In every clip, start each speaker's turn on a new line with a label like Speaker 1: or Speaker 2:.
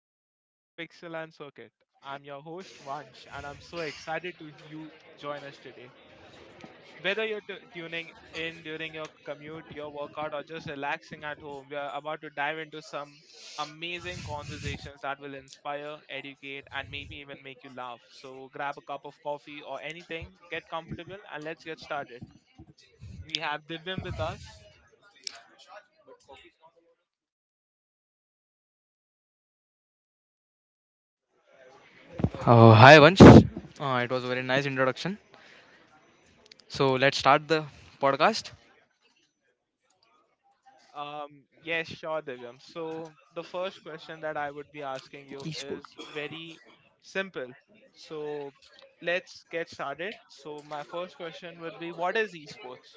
Speaker 1: and welcome to Pixel and Circuit. I'm your host Vansh, and I'm so excited to you join us today. Whether you're tuning in during your commute, your workout, or just relaxing at home, we are about to dive into some amazing conversations that will inspire, educate, and maybe even make you laugh. So grab a cup of coffee or anything, get comfortable, and let's get started. We have Divyam with us.
Speaker 2: Hi, Vansh. It was a very nice introduction. So let's start the podcast.
Speaker 1: Yes, sure, Divyam. So the first question that I would be asking you
Speaker 2: Esports
Speaker 1: is very simple. So let's get started. So my first question would be, what is esports?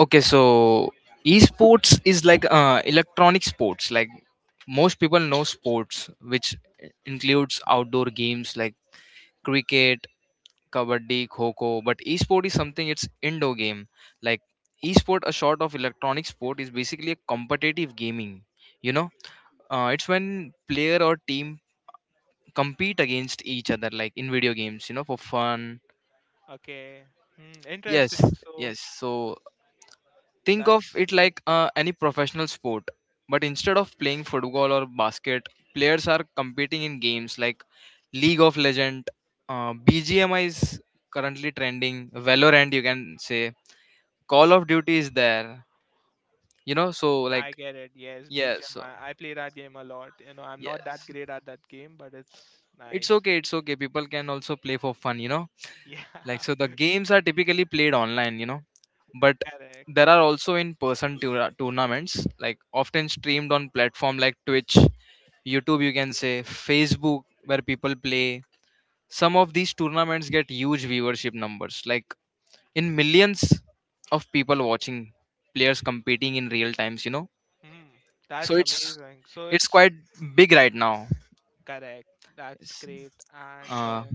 Speaker 2: Okay, so esports is like electronic sports. Like most people know sports, which includes outdoor games like cricket, kabaddi, kho. But esport is something, it's indoor game. Like esport, a sort of electronic sport, is basically a competitive gaming. You know, it's when player or team compete against each other, like in video games, you know, for fun.
Speaker 1: Okay, hmm,
Speaker 2: yes
Speaker 1: interesting. So
Speaker 2: yes so think of
Speaker 1: that's
Speaker 2: it
Speaker 1: that's
Speaker 2: like
Speaker 1: great.
Speaker 2: any professional sport, but instead of playing football or basket, players are competing in games like league of legend, bgmi is currently trending, valorant you can say, call of duty is there, you know. So like,
Speaker 1: I get it. Yes,
Speaker 2: yes.
Speaker 1: BGMI.
Speaker 2: so
Speaker 1: I play that game a lot. You know, I'm not that
Speaker 2: yes
Speaker 1: great at that game, but it's
Speaker 2: it's
Speaker 1: nice.
Speaker 2: okay it's okay people can also play for fun, you know.
Speaker 1: Yeah,
Speaker 2: Like, so the games are typically played online, you know, but
Speaker 1: correct.
Speaker 2: there are also in person tournaments, like often streamed on platform like twitch, youtube you can say, facebook, where people play. Some of these tournaments get huge viewership numbers, like in millions of people watching players competing in real times, you know.
Speaker 1: Hmm,
Speaker 2: so
Speaker 1: that's
Speaker 2: it's
Speaker 1: amazing. So
Speaker 2: it's
Speaker 1: it's
Speaker 2: quite big right now.
Speaker 1: correct. That's
Speaker 2: Yes.
Speaker 1: great. And
Speaker 2: Uh,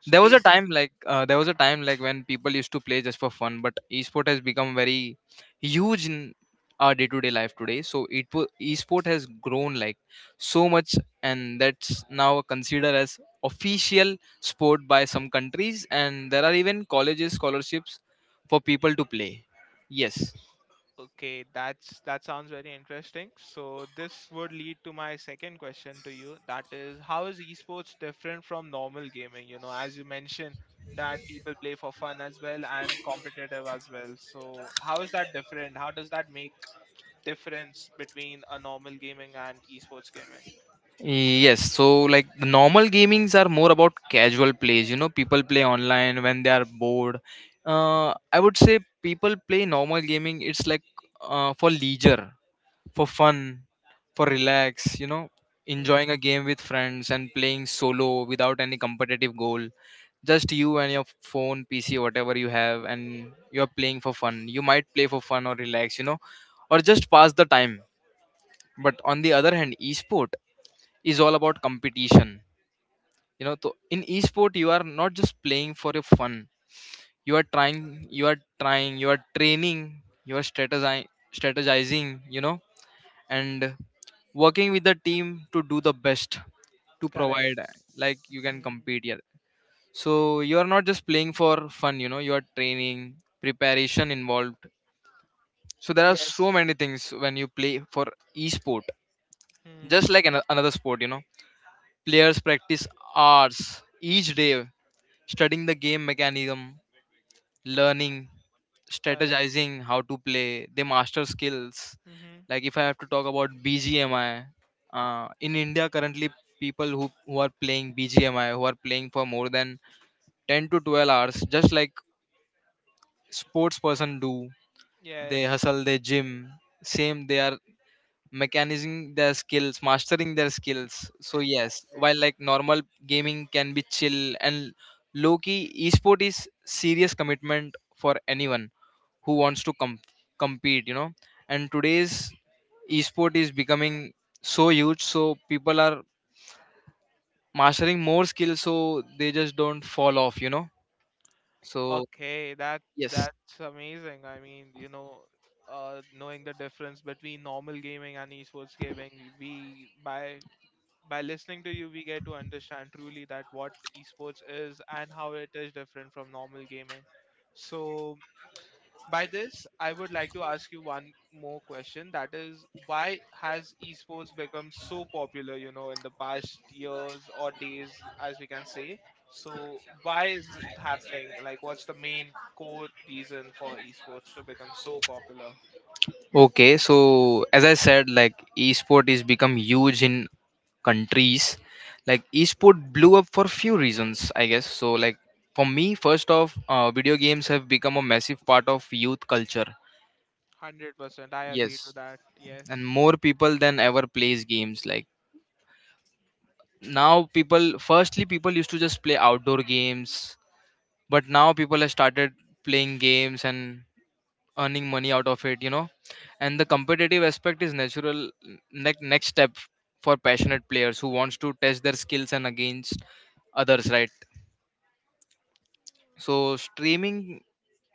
Speaker 1: so basic.
Speaker 2: there was a time like when people used to play just for fun, but esport has become very huge in our day-to-day life today. So esport has grown like so much, and that's now considered as official sport by some countries, and there are even colleges scholarships for people to play. Yes.
Speaker 1: Okay, that sounds very interesting. So this would lead to my second question to you. That is, how is esports different from normal gaming? You know, as you mentioned that people play for fun as well and competitive as well. So how is that different? How does that make difference between a normal gaming and esports gaming?
Speaker 2: Yes, so like the normal gamings are more about casual plays. You know, people play online when they are bored. I would say people play normal gaming. It's like for leisure, for fun, for relax. You know, enjoying a
Speaker 1: Mm-hmm.
Speaker 2: game with friends and playing solo without any competitive goal. Just you and your phone, PC, whatever you have, and you're playing for fun. You might play for fun or relax. You know, or just pass the time. But on the other hand, esport is all about competition, you know. So in esport, you are not just playing for your fun, you are trying, you are training, you are strategizing, you know, and working with the team to do the best, to
Speaker 1: Correct.
Speaker 2: provide, like, you can
Speaker 1: Hmm.
Speaker 2: compete, yeah. So you are not just playing for fun, you know, you are training, preparation involved. So there are so
Speaker 1: Yes.
Speaker 2: many things when you play for esport, just
Speaker 1: Hmm.
Speaker 2: like another sport, you know. Players practice hours each day, studying the game mechanism, learning,
Speaker 1: Correct.
Speaker 2: strategizing how to play, they master skills.
Speaker 1: Mm-hmm.
Speaker 2: Like if I have to talk about BGMI, in India currently, people who are playing BGMI, who are playing for more than 10 to 12 hours, just like sports person do, they
Speaker 1: Yes.
Speaker 2: hustle, they gym, same. They are mechanizing their skills, mastering their skills. So yes, while like normal gaming can be chill and low key, esport is serious commitment for anyone who wants to compete, you know. And today's esport is becoming so huge, so people are mastering more skills so they just don't fall off, you know. So
Speaker 1: Okay, that
Speaker 2: yes.
Speaker 1: that's amazing. I mean, you know, knowing the difference between normal gaming and esports gaming, we by listening to you, we get to understand truly that what esports is and how it is different from normal gaming. So by this, I would like to ask you one more question. That is, why has esports become so popular, you know, in the past years or days, as we can say? So, why is it happening? Like, what's the main core reason for esports to become so popular?
Speaker 2: Okay, so as I said, like esport is become huge in countries. Like esport blew up for few reasons, I guess. So like for me, first off, video games have become a massive part of youth culture.
Speaker 1: 100%. I agree to
Speaker 2: Yes,
Speaker 1: that. Yes.
Speaker 2: and more people than ever plays games. Like now, people firstly people used to just play outdoor games, but now people have started playing games and earning money out of it, you know. And the competitive aspect is natural next step for passionate players who wants to test their skills and against others, right. So streaming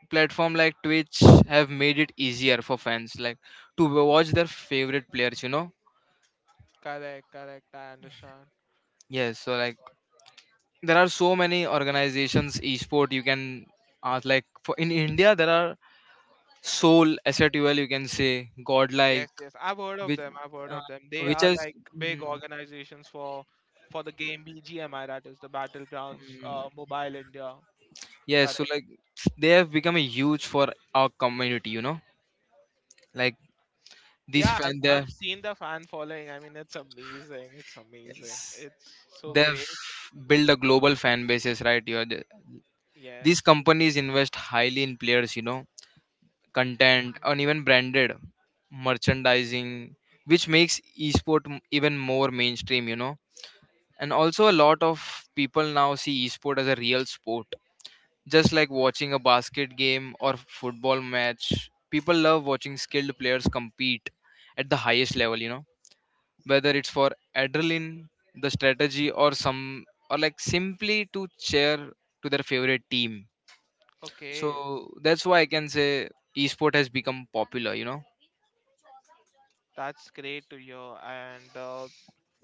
Speaker 2: platform like twitch have made it easier for fans, like, to watch their favorite players, you know.
Speaker 1: Correct, correct. I understand.
Speaker 2: Yes, so like there are so many organizations esport you can ask. Like for in india, there are soul asset you can say, godlike,
Speaker 1: Yes, yes, I've heard of
Speaker 2: which
Speaker 1: them. I've heard
Speaker 2: uh,
Speaker 1: of them. They
Speaker 2: which
Speaker 1: are
Speaker 2: has
Speaker 1: like big organizations for the game BGMI, that is the Battlegrounds Mobile India.
Speaker 2: yes.
Speaker 1: Correct.
Speaker 2: So like they have become a huge for our community, you know. Like these
Speaker 1: Yeah, I've
Speaker 2: fan, they
Speaker 1: I've seen the fan following. I mean, it's amazing. It's amazing. It's so
Speaker 2: they've
Speaker 1: great.
Speaker 2: built a global fan bases, right? You're the- these
Speaker 1: Yes.
Speaker 2: companies invest highly in players, you know, content
Speaker 1: Hmm.
Speaker 2: and even branded merchandising, which makes esport even more mainstream, you know. And also, a lot of people now see esport as a real sport. Just like watching a basket game or football match, people love watching skilled players compete at the highest level, you know, whether it's for adrenaline, the strategy, or some, or like simply to cheer to their favorite team.
Speaker 1: Okay,
Speaker 2: So that's why I can say esport has become popular, you know.
Speaker 1: that's great to hear. And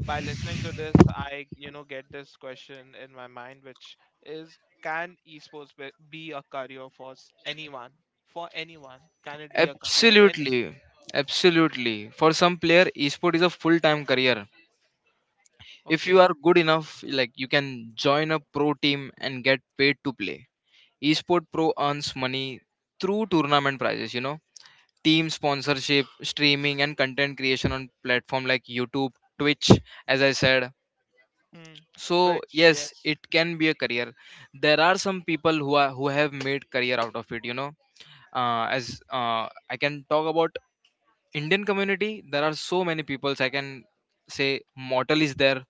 Speaker 1: by listening to this, I, you know, get this question in my mind, which is can esports be a career for anyone? For anyone, can it be a career? And
Speaker 2: Absolutely, absolutely. For some player, esport is a full time career. If you
Speaker 1: okay,
Speaker 2: are good enough, like, you can join a pro team and get paid to play. Esport Pro earns money through tournament prizes, you know, team sponsorship, streaming, and content creation on platform like YouTube, Twitch, as I said.
Speaker 1: hmm.
Speaker 2: So
Speaker 1: Twitch,
Speaker 2: yes,
Speaker 1: yes.
Speaker 2: it can be a career. There are some people who have made career out of it, you know. As I can talk about Indian community, there are so many peoples. I can say Mortal is there,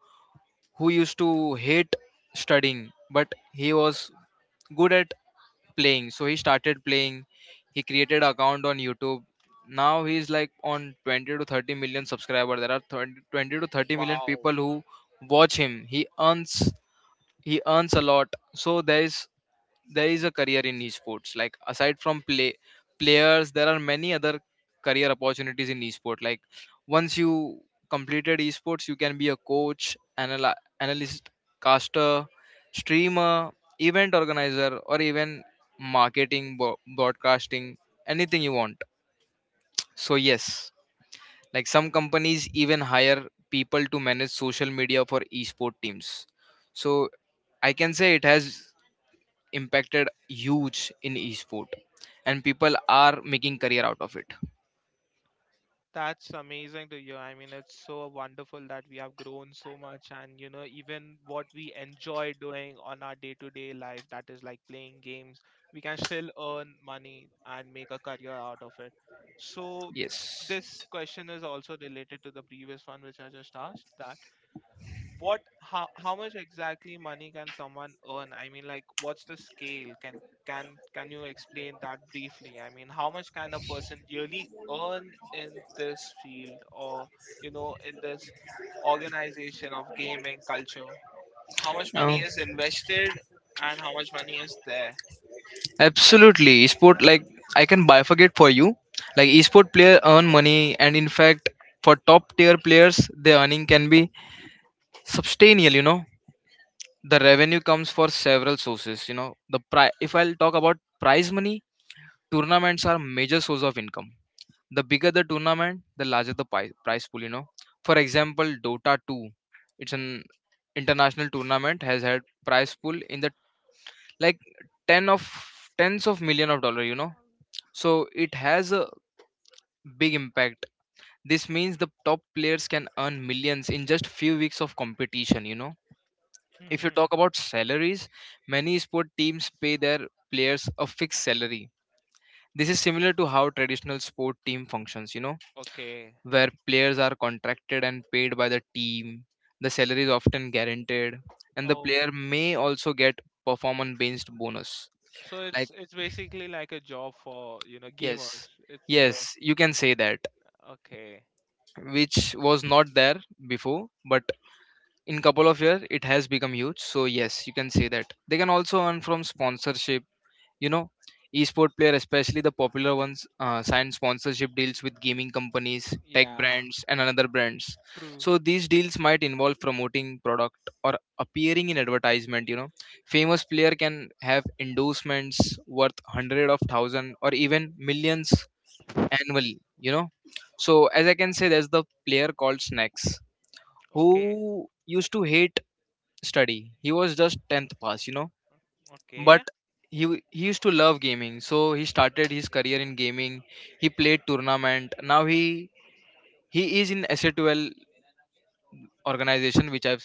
Speaker 2: who used to hate studying, but he was good at playing, so he started playing. He created account on youtube. Now he's like on 20 to 30 million subscriber. There are 30 20 to 30 million people
Speaker 1: Wow,
Speaker 2: who watch him. He earns, he earns a lot. So there is a career in esports. Like aside from play players, there are many other career opportunities in esports. Like once you completed esports, you can be a coach, analyst, caster, streamer, event organizer, or even marketing, broadcasting, anything you want. So yes, like some companies even hire people to manage social media for esport teams. So I can say it has impacted huge in esport, and people are making career out of it.
Speaker 1: that's amazing to hear. I mean, it's so wonderful that we have grown so much, and you know, even what we enjoy doing on our day-to-day life, that is like playing games, we can still earn money and make a career out of it. So,
Speaker 2: Yes.
Speaker 1: this question is also related to the previous one, which I just asked that what how much exactly money can someone earn? I mean, like, what's the scale? Can you explain that briefly? I mean, how much can a person really earn in this field or, you know, in this organization of gaming culture? How much money is invested
Speaker 2: Um,
Speaker 1: and how much money is there?
Speaker 2: Absolutely, esport, like, I can bifurcate for you. Like esport player earn money, and in fact, for top tier players, their earning can be substantial. You know, the revenue comes for several sources. You know, if I'll talk about prize money, tournaments are major source of income. The bigger the tournament, the larger the prize pool. You know, for example, Dota Two, it's an international tournament, has had prize pool in the, like, ten of tens of million of dollar. You know, so it has a big impact. This means the top players can earn millions in just few weeks of competition, you know. If you
Speaker 1: Mm-hmm.
Speaker 2: talk about salaries, many sport teams pay their players a fixed salary. This is similar to how traditional sport team functions, you know,
Speaker 1: Okay.
Speaker 2: where players are contracted and paid by the team. The salary is often guaranteed, and the
Speaker 1: Oh,
Speaker 2: player may also get performance based bonus.
Speaker 1: so
Speaker 2: Like,
Speaker 1: it's basically like a job for, you know, gamers.
Speaker 2: yes.
Speaker 1: It's
Speaker 2: Yes, you can say that,
Speaker 1: okay.
Speaker 2: which was not there before, but in couple of years it has become huge. So yes, you can say that. They can also earn from sponsorship, you know. Esport player, especially the popular ones, sign sponsorship deals with gaming companies, tech
Speaker 1: Yeah,
Speaker 2: brands, and another brands.
Speaker 1: true.
Speaker 2: So these deals might involve promoting product or appearing in advertisement, you know. Famous player can have endorsements worth hundred of thousand or even millions annually, you know. So as I can say, there's the player called snacks, who
Speaker 1: Okay.
Speaker 2: used to hate study. He was just 10th pass, you know,
Speaker 1: Okay.
Speaker 2: but he used to love gaming, so he started his career in gaming. He played tournament. Now he is in s2l organization, which I've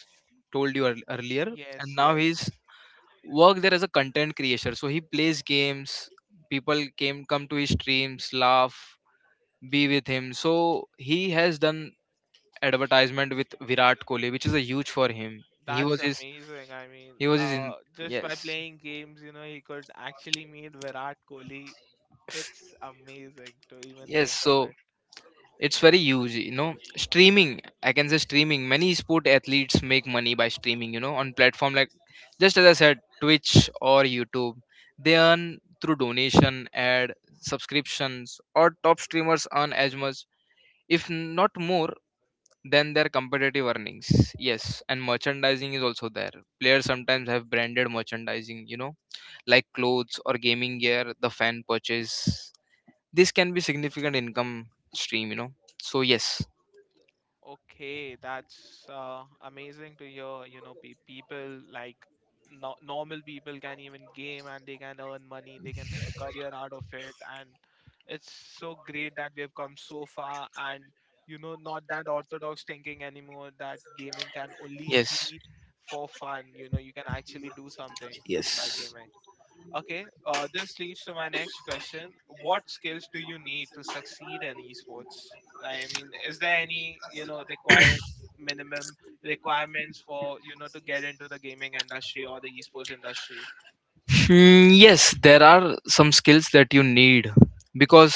Speaker 2: told you earlier.
Speaker 1: Yes,
Speaker 2: And now
Speaker 1: yes.
Speaker 2: he's work there as a content creator, so he plays games. People came come to his streams, laugh, be with him. So he has done advertisement with Virat Kohli, which is a huge for him.
Speaker 1: That's amazing. I mean,
Speaker 2: He was his in,
Speaker 1: just by
Speaker 2: yes,
Speaker 1: playing games, you know, he could actually meet Virat Kohli. It's amazing to even
Speaker 2: yes.
Speaker 1: think of
Speaker 2: So
Speaker 1: it.
Speaker 2: it's very huge. You know, streaming, I can say. Streaming, many sport athletes make money by streaming, you know, on platform like, just as I said, Twitch or YouTube. They earn through donation, ad, subscriptions, or top streamers earn as much, if not more, than their competitive earnings. Yes, and merchandising is also there. Players sometimes have branded merchandising, you know, like clothes or gaming gear the fan purchase. This can be significant income stream, you know. So yes,
Speaker 1: Okay, that's amazing to hear. You know, pe people like no normal people can even game and they can earn money, they can make a career out of it. And it's so great that we have come so far and, you know, not that orthodox thinking anymore that gaming can only
Speaker 2: yes,
Speaker 1: be for fun. You know, you can actually do something by
Speaker 2: yes.
Speaker 1: gaming. Okay, this leads to my next question. What skills do you need to succeed in esports? I mean, is there any, you know, required minimum requirements for, you know, to get into the gaming industry or the esports industry?
Speaker 2: Hmm, yes there are some skills that you need, because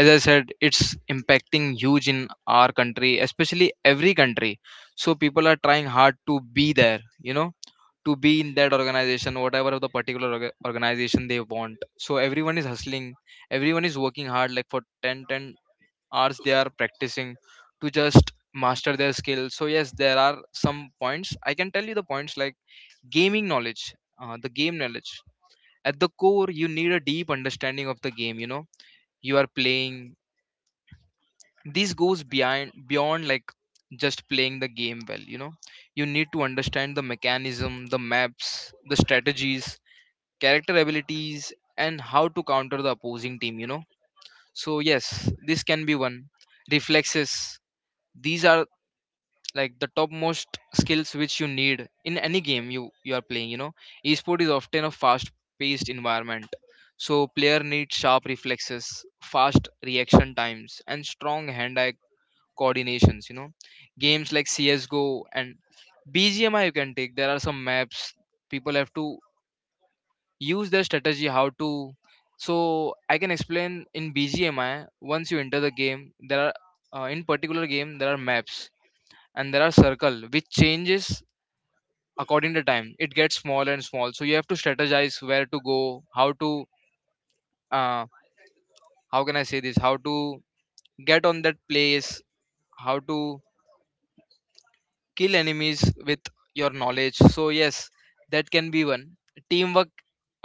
Speaker 2: as I said, it's impacting huge in our country, especially every country. So people are trying hard to be there, you know, to be in that organization, whatever of the particular organization they want. So everyone is hustling, everyone is working hard, like for ten hours they are practicing to just master their skill. So yes, there are some points I can tell you. The points like gaming knowledge, the game knowledge at the core. You need a deep understanding of the game you are playing. This goes beyond like just playing the game well. You need to understand the mechanism, the maps, the strategies, character abilities, and how to counter the opposing team. So yes, this can be one. Reflexes. These are like the topmost skills which you need in any game you are playing. Esport is often a fast paced environment, so player need sharp reflexes, fast reaction times, and strong hand eye coordinations. Games like CSGO and BGMI you can take. There are some maps. People have to use their strategy how to. So I can explain in BGMI. Once you enter the game, there are, in particular game, there are maps, and there are circle which changes according to time. It gets small and small, so you have to strategize where to go, how to, uh, how can I say this, how to get on that place, how to kill enemies with your knowledge. So yes, that can be one. Teamwork.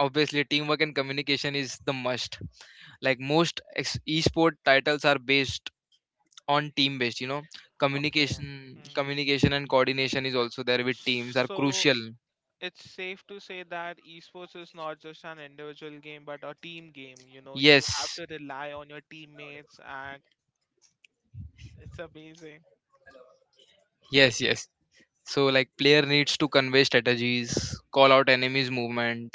Speaker 2: Obviously teamwork and communication is the must. Like most esport titles are based on team based.
Speaker 1: Okay.
Speaker 2: Communication.
Speaker 1: Hmm.
Speaker 2: Communication and coordination is also there with teams are
Speaker 1: So,
Speaker 2: crucial.
Speaker 1: it's safe to say that esports is not just an individual game but a team game, you know, you
Speaker 2: Yes.
Speaker 1: have to rely on your teammates and it's amazing.
Speaker 2: Yes, yes. So like player needs to convey strategies, call out enemies' movement,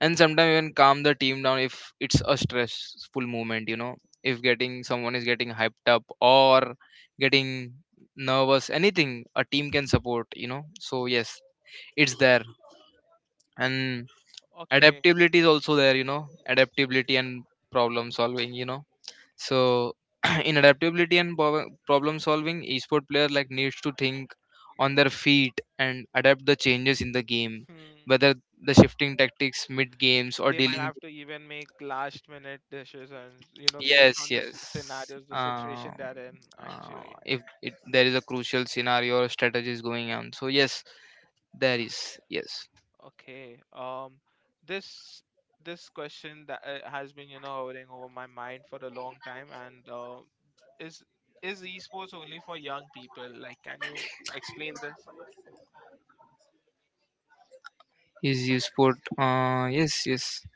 Speaker 2: and sometimes even calm the team down if it's a stressful movement. If getting someone is getting hyped up or getting nervous, anything a team can support. So yes, it's there. And
Speaker 1: Okay.
Speaker 2: adaptability is also there. Adaptability and problem solving. So, in adaptability and problem solving, esport player like needs to think on their feet and adapt the changes in the game,
Speaker 1: Hmm.
Speaker 2: whether the shifting tactics mid games or
Speaker 1: They might
Speaker 2: dealing with.
Speaker 1: have to even make last minute decisions, you know, based
Speaker 2: Yes,
Speaker 1: on the
Speaker 2: yes.
Speaker 1: scenarios, the
Speaker 2: Uh,
Speaker 1: situation they're in. Actually,
Speaker 2: if it, there is a crucial scenario or strategy is going on, so yes, there is. Yes,
Speaker 1: okay um this question that has been, you know, hovering over my mind for a long time, and is is esports only for young people? Like, can you explain this?
Speaker 2: is esport. Yes, yes.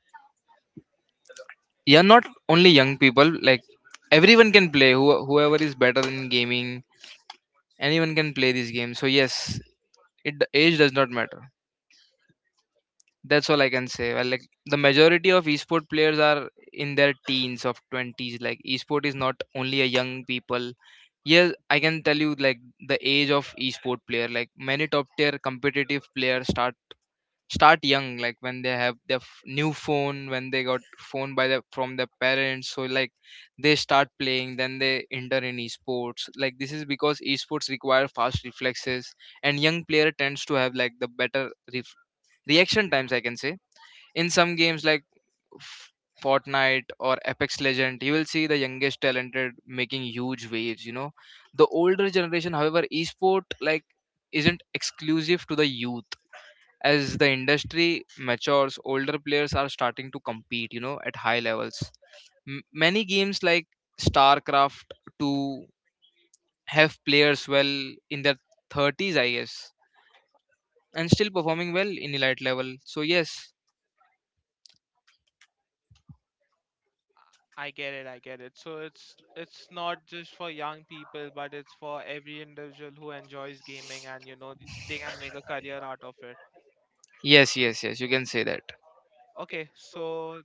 Speaker 2: Yeah, not only young people. Like everyone can play. Who, whoever is better in gaming, anyone can play this game. So yes, it the age does not matter. That's all I can say. Well, like the majority of esport players are in their teens of 20s. Like esport is not only a young people. Yes, I can tell you like the age of esport player, like many top tier competitive players start young, like when they have their new phone, when they got phone by the from their parents. So like they start playing, then they enter in esports. Like this is because esports require fast reflexes, and young player tends to have like the better reaction times I can say. In some games like F- Fortnite or Apex Legend, you will see the youngest talented making huge waves. The older generation, however, esport like isn't exclusive to the youth. As the industry matures, older players are starting to compete, at high levels. Many games like Starcraft 2 have players well in their 30s I guess, and still performing well in elite level. So yes.
Speaker 1: I get it, I get it. So it's not just for young people, but it's for every individual who enjoys gaming, and you know they can make a career out of it.
Speaker 2: Yes, yes, yes, you can say that.
Speaker 1: Okay, so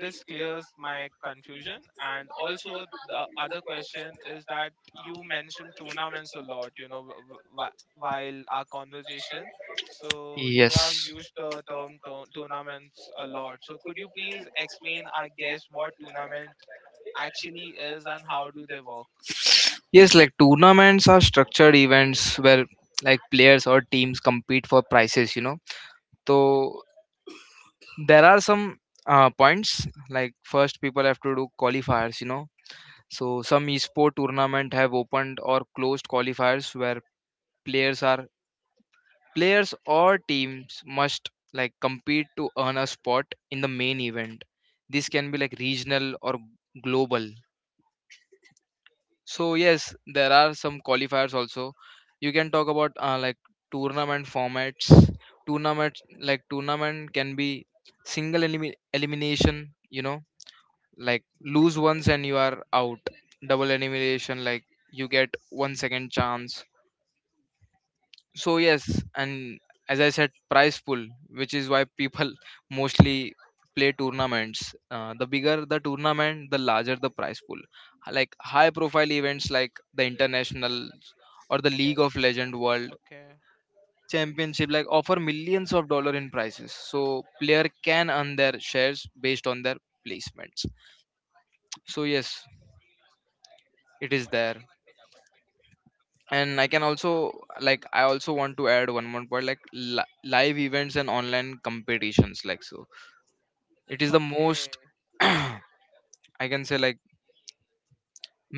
Speaker 1: this clears my confusion, and also the other question is that you mentioned tournaments a lot, you know, w- while our conversation. So you have
Speaker 2: Yes.
Speaker 1: used the term tournaments a lot, so could you please explain, I guess, what tournament actually is and how do they work?
Speaker 2: Yes, like tournaments are structured events where like players or teams compete for prizes, you know. So there are some points like first people have to do qualifiers, you know. So some esport tournament have opened or closed qualifiers where players are. Players or teams must like compete to earn a spot in the main event. This can be like regional or global. So yes, there are some qualifiers also. You can talk about like tournament formats. Tournament, like tournament can be single elimination. You know, like lose once and you are out. Double elimination, like you get one second chance. So yes. And as I said, prize pool, which is why people mostly play tournaments. The bigger the tournament, the larger the prize pool. Like high profile events like The International or the League of
Speaker 1: Yes.
Speaker 2: Legend world
Speaker 1: Okay.
Speaker 2: championship like offer millions of dollar in prizes. So player can earn their shares based on their placements. So yes, it is there. And I can also, like I also want to add one more point, like live events and online competitions. Like so it is the most
Speaker 1: Okay.
Speaker 2: I can say, like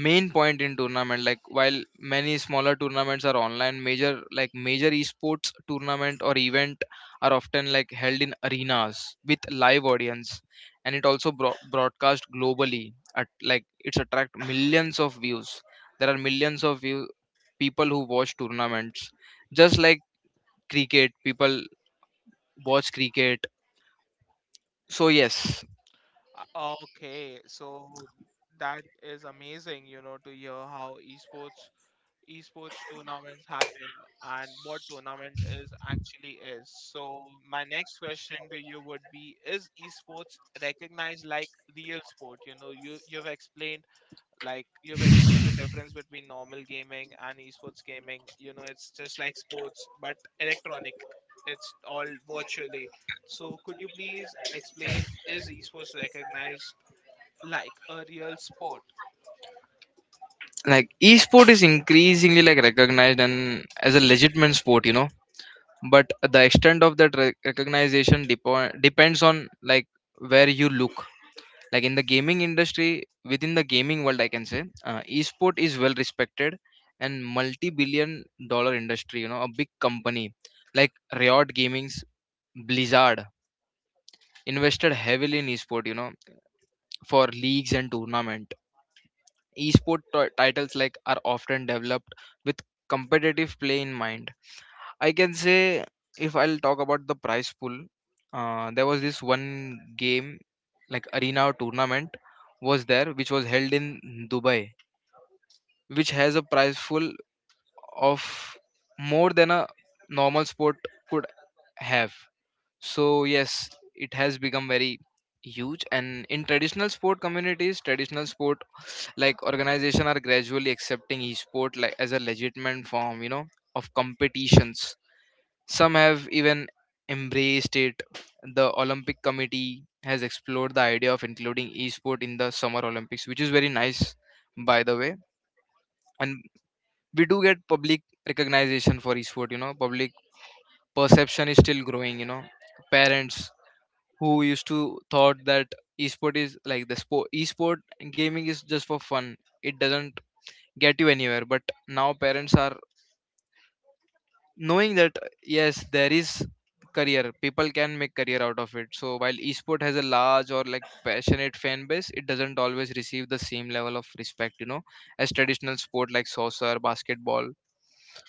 Speaker 2: main point in tournament. Like while many smaller tournaments are online, major like major esports tournament or event are often like held in arenas with live audience, and it also broadcast globally, at like it's attract millions of views. There are millions of view people who watch tournaments, just like cricket people watch cricket. So yes.
Speaker 1: Okay, so that is amazing, you know, to hear how esports esports tournaments happen and what tournament is actually is. So my next question to you would be, is esports recognized like real sport? You know, you you've explained like you've explained the difference between normal gaming and esports gaming. You know, it's just like sports but electronic. It's all virtually. So could you please explain, is esports recognized like a real sport?
Speaker 2: Like esport is increasingly like recognized and as a legitimate sport, you know. But the extent of that recognition depends on like where you look. Like in the gaming industry, within the gaming world I can say, esport is well respected and multi-billion dollar industry, you know. A big company like Riot Gaming's, Blizzard, invested heavily in esport, you know, for leagues and tournaments. Esport titles like are often developed with competitive play in mind. I can say, if I'll talk about the prize pool, there was this one game like arena or tournament was there which was held in Dubai, which has a prize pool of more than a normal sport could have. So yes, it has become very huge. And in traditional sport communities, traditional sport like organization are gradually accepting esport like as a legitimate form, you know, of competitions. Some have even embraced it. The Olympic committee has explored the idea of including esport in the summer Olympics, which is very nice by the way. And we do get public recognition for esport, you know, public perception is still growing, you know. Parents who used to thought that esport is like the sport, esport gaming is just for fun, it doesn't get you anywhere. But now parents are knowing that yes, there is career, people can make career out of it. So while esport has a large or like passionate fan base, it doesn't always receive the same level of respect, you know, as traditional sport like soccer, basketball.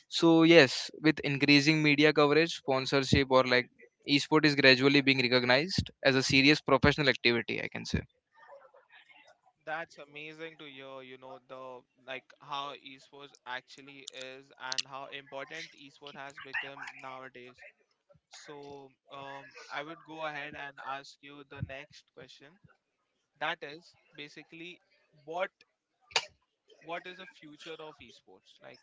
Speaker 2: So yes, with increasing media coverage, sponsorship, or like esport is gradually being recognized as a serious professional activity, I can say.
Speaker 1: That's amazing to hear, you know, the like how esports actually is and how important esports has become nowadays. So, I would go ahead and ask you the next question. That is basically what what is the future of esports? Like,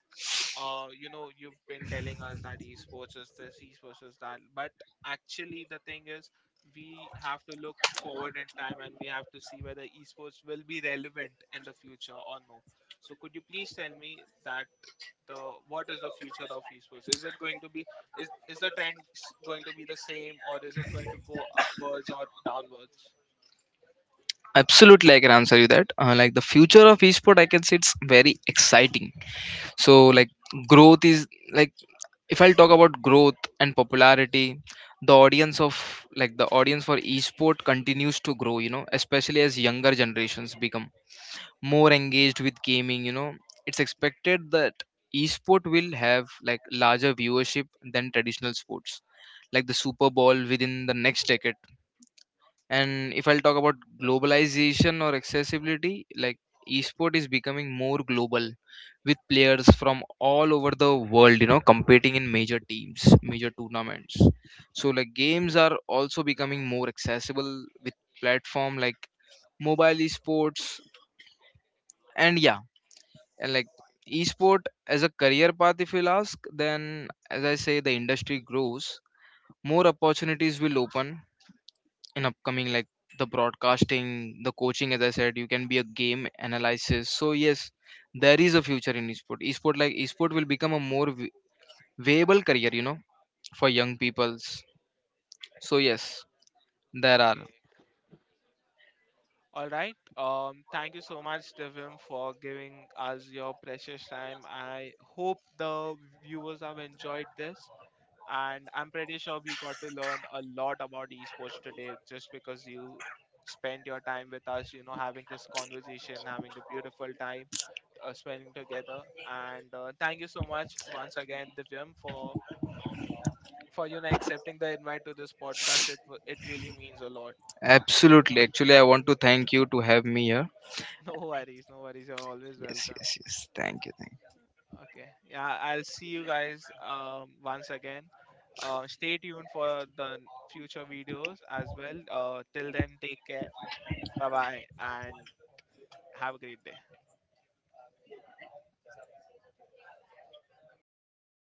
Speaker 1: you know, you've been telling us that esports is this, esports is that, but actually the thing is, we have to look forward in time and we have to see whether esports will be relevant in the future or no. So could you please tell me that the what is the future of esports? Is it going to be is the trend going to be the same or is it going to go upwards or downwards?
Speaker 2: Absolutely, I can answer you that. Like the future of esport, I can say it's very exciting. So like growth is like, if I'll talk about growth and popularity, the audience of like the audience for esport continues to grow, you know, especially as younger generations become more engaged with gaming, you know. It's expected that esport will have like larger viewership than traditional sports like the Super Bowl within the next decade. And if I'll talk about globalization or accessibility, like esport is becoming more global, with players from all over the world, you know, competing in major teams, major tournaments. So like games are also becoming more accessible with platform like mobile esports. And yeah, and like esport as a career path, if you'll ask, then as I say the industry grows, more opportunities will open in upcoming like the broadcasting, the coaching. As I said, you can be a game analysis. So yes, there is a future in esport. Esport like esport will become a more viable career, you know, for young peoples. So yes, there are.
Speaker 1: Okay. All right. Thank you so much, Devim, for giving us your precious time. I hope the viewers have enjoyed this, and I'm pretty sure we got to learn a lot about esports today just because you spent your time with us, you know, having this conversation, having the beautiful time spending together. And thank you so much once again, Devim, for you know accepting the invite to this podcast. It really means a lot.
Speaker 2: Absolutely, actually I want to thank you to have me here.
Speaker 1: No worries, no worries. You're always
Speaker 2: Yes,
Speaker 1: welcome.
Speaker 2: yes, yes, thank you, thank you.
Speaker 1: Okay. Yeah, I'll see you guys once again. Stay tuned for the future videos as well. Till then, take care. Bye bye, and have a great day.